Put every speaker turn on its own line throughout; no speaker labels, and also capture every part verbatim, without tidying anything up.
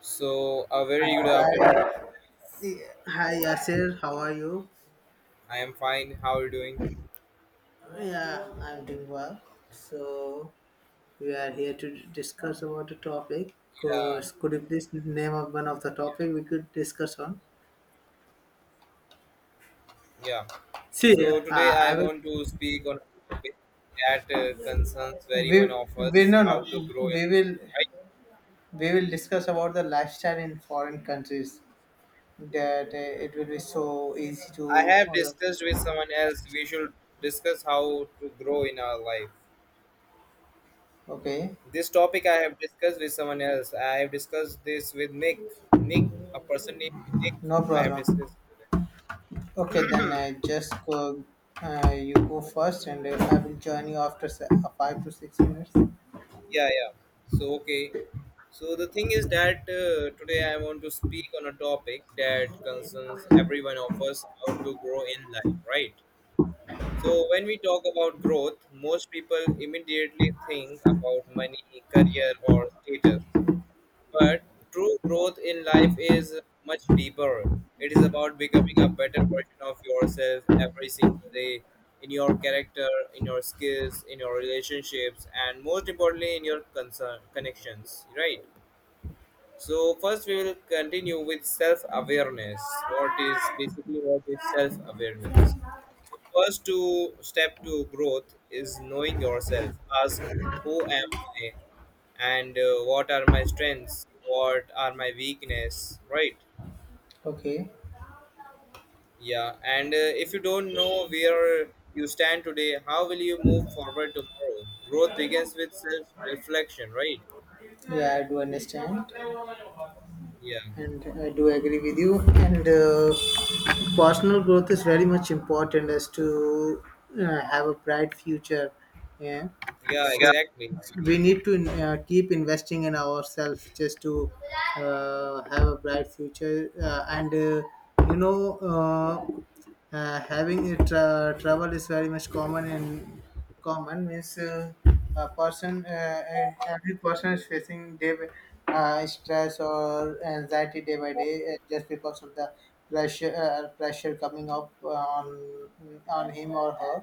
So, a very good afternoon.
Hi, yeah. Hi, Yasir. How are you?
I am fine. How are you doing?
Yeah, I'm doing well. So we are here to discuss about a topic.
Yeah,
Course, could you please name of one of the topic we could discuss on?
yeah.
See,
So, today
uh,
I
I
want
will.
to speak on a topic that uh, concerns very
We
one of
we
us
no no
how to grow in
we will
life, right?
we will discuss about the lifestyle in foreign countries. That uh, it will be so easy
I
to.
have discussed with someone else, we should discuss how to grow in our life.
Okay,
This topic I have discussed with someone else. I have discussed this with Nick. Nick, a person named Nick,
no
I have
problem.
discussed with him.
Okay, then I just go. Uh, you go first, and uh, I will join you after se- uh, five to six minutes.
Yeah, yeah. So, okay. So, the thing is that uh, today I want to speak on a topic that concerns everyone of us how to grow in life, right? So, when we talk about growth, most people immediately think about money, career, or status. But true growth in life is much deeper. It is about becoming a better version of yourself every single day in your character, in your skills, in your relationships, and most importantly, in your concern, connections, right? So, first, we will continue with self awareness. What is basically what is self awareness? The first two step to growth is knowing yourself. Ask, who am I? And uh, what are my strengths, what are my weakness, right?
Okay.
Yeah, and uh, if you don't know where you stand today, how will you move forward tomorrow? Growth begins with self reflection, right?
Yeah, I do understand,
Yeah,
and I do agree with you. And uh, personal growth is very much important as to uh, have a bright future. Yeah.
yeah, exactly.
We need to uh, keep investing in ourselves just to uh, have a bright future uh, and uh, you know uh, uh, having it uh, travel is very much common in common means uh, a person uh, eh, every person is facing day by- uh, stress or anxiety day by day uh, just because of the pressure uh, pressure coming up on on him or her,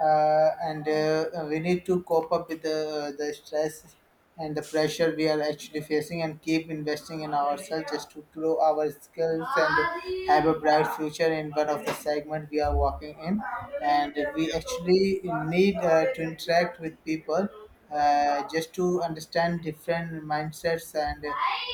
uh, and uh, we need to cope up with the, the stress and the pressure we are actually facing, and keep investing in ourselves just to grow our skills and have a bright future in one of the segment we are working in. And we
Yeah,
actually need uh, to interact with people, uh, just to understand different mindsets and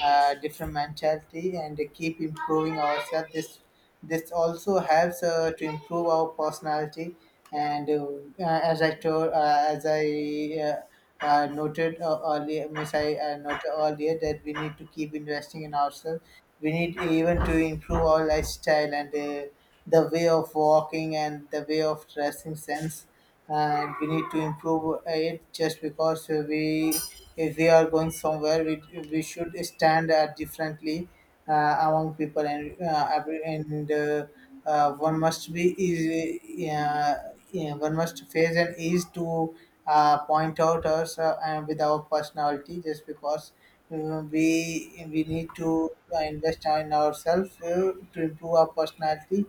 uh, different mentality, and keep improving ourselves. This this also helps uh, to improve our personality. And uh, uh, as I told, uh, as I uh, uh, Noted uh, earlier, miss, I uh, noted earlier that we need to keep investing in ourselves. We need even to improve our lifestyle and uh, the way of walking and the way of dressing sense, and we need to improve it, just because we if we are going somewhere, we, we should stand out differently uh, among people. And uh, every- and uh, uh, One must be easy. Uh, yeah, one must face and ease to uh, point out us uh, and with our personality. Just because uh, we we need to uh, invest in ourselves uh, to improve our personality.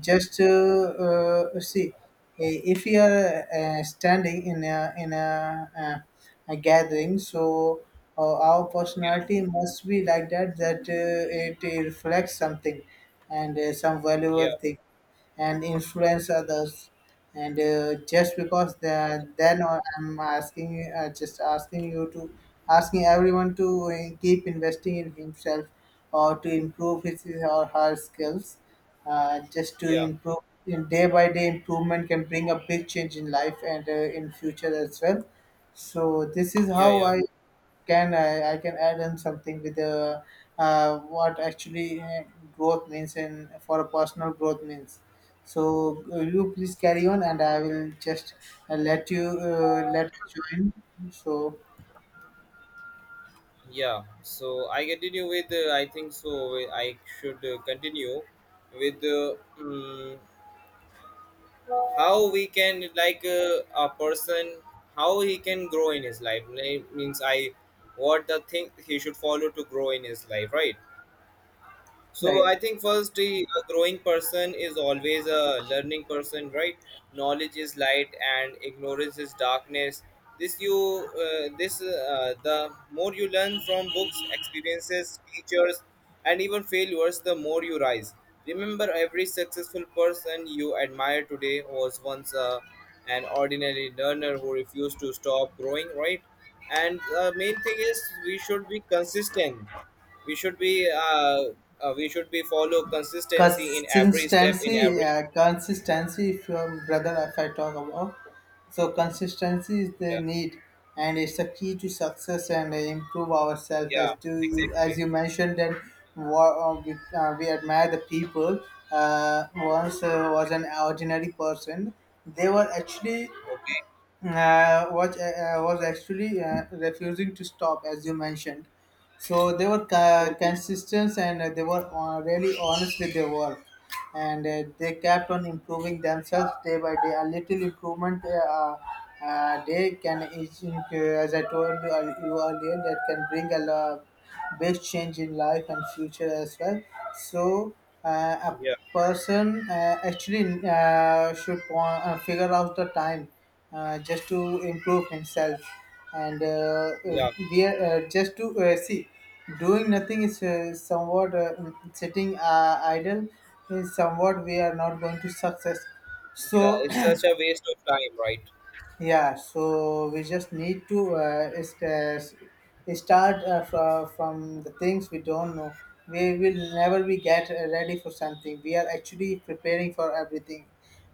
Just uh, uh, see Hey, if you are uh, standing in a in a, uh, a gathering, so uh, our personality must be like that, that uh, it reflects something, and uh, some valuable
yeah,
thing, and influence others. And uh, Just because the, then or I'm asking, uh, just asking you to, asking everyone to uh, keep investing in himself or to improve his or her skills, uh, just to
yeah,
improve. In day by day, improvement can bring a big change in life and uh, in future as well. So this is
yeah,
how
yeah,
i can I, I can add in something with the uh, what actually uh, growth means, and for a personal growth means. So uh, you please carry on and I will just uh, let you uh, let join. So,
yeah. So I continue with uh, I think so uh, I should uh, continue with uh, mm, how we can like uh, a person, how he can grow in his life, like, means i, what the thing he should follow to grow in his life, right? So
right.
I think first, the a growing person is always a learning person, right? Knowledge is light and ignorance is darkness. This you uh, this uh, The more you learn from books, experiences, teachers, and even failures, the more you rise. Remember, every successful person you admire today was once uh, an ordinary learner who refused to stop growing, right? And the main thing is we should be consistent, we should be uh, uh, we should be follow consistency in every step, in
Consistency
every,
uh, consistency, if your brother, if I talk about. So consistency is the
yeah,
need, and it's the key to success and uh, improve ourselves as
yeah,
to, as
exactly.
you mentioned that wa- uh, we, uh, we admire the people uh, once uh, was an ordinary person. They were actually
Okay.
uh, was, uh, was actually uh, refusing to stop, as you mentioned. So they were ca-
Okay.
consistent and uh, they were uh, really honest with their work, and uh, they kept on improving themselves day by day. A little improvement uh, uh, day can is- as I told you ear- you earlier, that can bring a lot big change in life and future as well. So uh, a
Yeah,
person uh, actually uh, should po- uh, figure out the time uh, just to improve himself. And uh, uh,
yeah,
we are uh, just to uh, see doing nothing is uh, somewhat uh, mm, sitting uh, idle is somewhat we are not going to success.
yeah,
So
it's such a waste of time, right?
yeah, so we just need to uh, is- uh, start uh, fro- from the things we don't know. We will never be get uh, ready for something. We are actually preparing for everything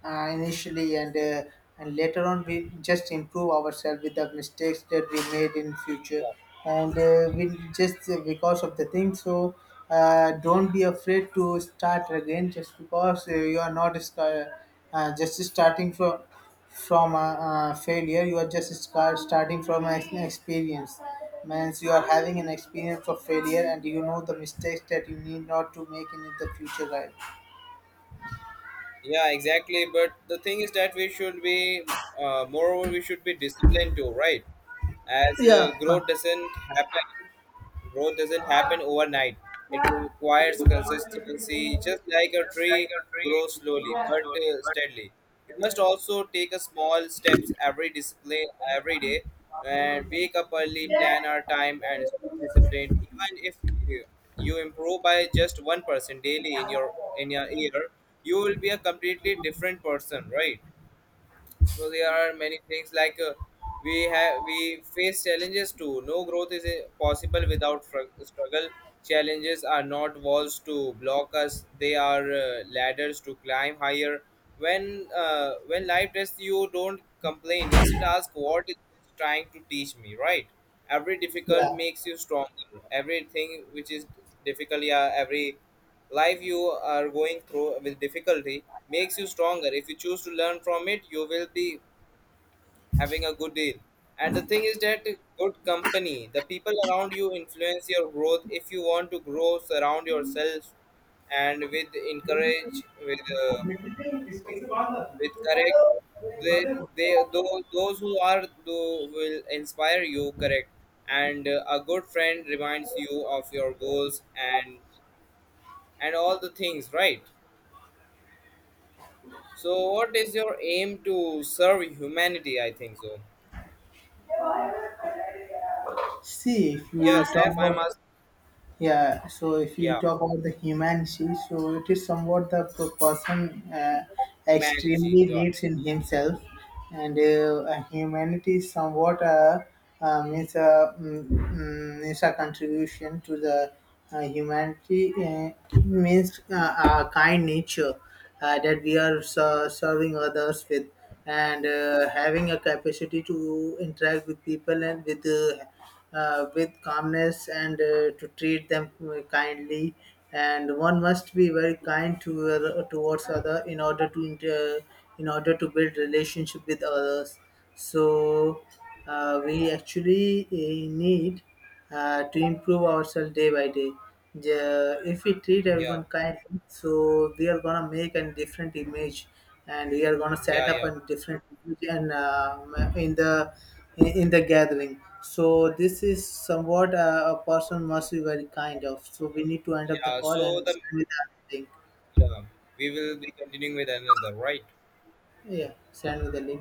uh, initially, and uh, and later on we just improve ourselves with the mistakes that we made in future.
Yeah.
And uh, we just uh, because of the thing, so uh, don't be afraid to start again. Just because uh, you are not uh, uh, just starting from from a, uh, failure. You are just start, starting from an ex- experience, means you are having an experience of failure and you know the mistakes that you need not to make in the future, right?
Yeah, exactly. But the thing is that we should be, uh, moreover, we should be disciplined too, right? As uh,
Yeah, fine.
growth doesn't happen, growth doesn't happen overnight. It requires consistency, just like a tree grows slowly but uh, steadily. It must also take a small steps every discipline every day, and wake up early,
Yeah,
plan our time, and stay disciplined. Even if you, you improve by just one percent daily in your in your year, you will be a completely different person, right? So there are many things like, uh, we have we face challenges too. No growth is uh, possible without fr- struggle. Challenges are not walls to block us; they are uh, ladders to climb higher. When uh, when life tests you, don't complain. Instead, ask what is this trying to teach me, right? Every difficult makes you stronger. Everything which is difficult, yeah, every life you are going through with difficulty makes you stronger. If you choose to learn from it, you will be having a good deal. And the thing is that, good company, the people around you influence your growth. If you want to grow, surround yourself and with encourage with uh, with correct they they those, those who are though will inspire you, correct. And uh, a good friend reminds you of your goals and and all the things, right? So, what is your aim, to serve humanity? I think so.
see, if you
Yes,
talk
if I
about.
must.
Yeah, so if you
Yeah,
talk about the humanity, so it is somewhat the p- person uh,
humanity.
extremely
Yeah,
needs in himself. And uh, uh, Humanity is somewhat a uh, means a mm, mm, means a contribution to the uh, humanity, uh, means uh, a kind nature uh, that we are ser- serving others with. And uh, Having a capacity to interact with people and with. Uh, uh, with calmness and uh, to treat them uh, kindly. And one must be very kind to other, towards other, in order to inter, in order to build relationship with others. So uh, we actually uh, need uh, to improve ourselves day by day. The, if we treat
yeah,
everyone kindly, so we are gonna make a different image, and we are gonna
yeah,
set up
yeah.
a different image and um, in the in, in the gathering. So this is somewhat uh, a person must be very kind of. So we need to end up the
Yeah.
call and
So the,
send me the link.
yeah, we will be continuing with another, right?
Yeah, send me the link.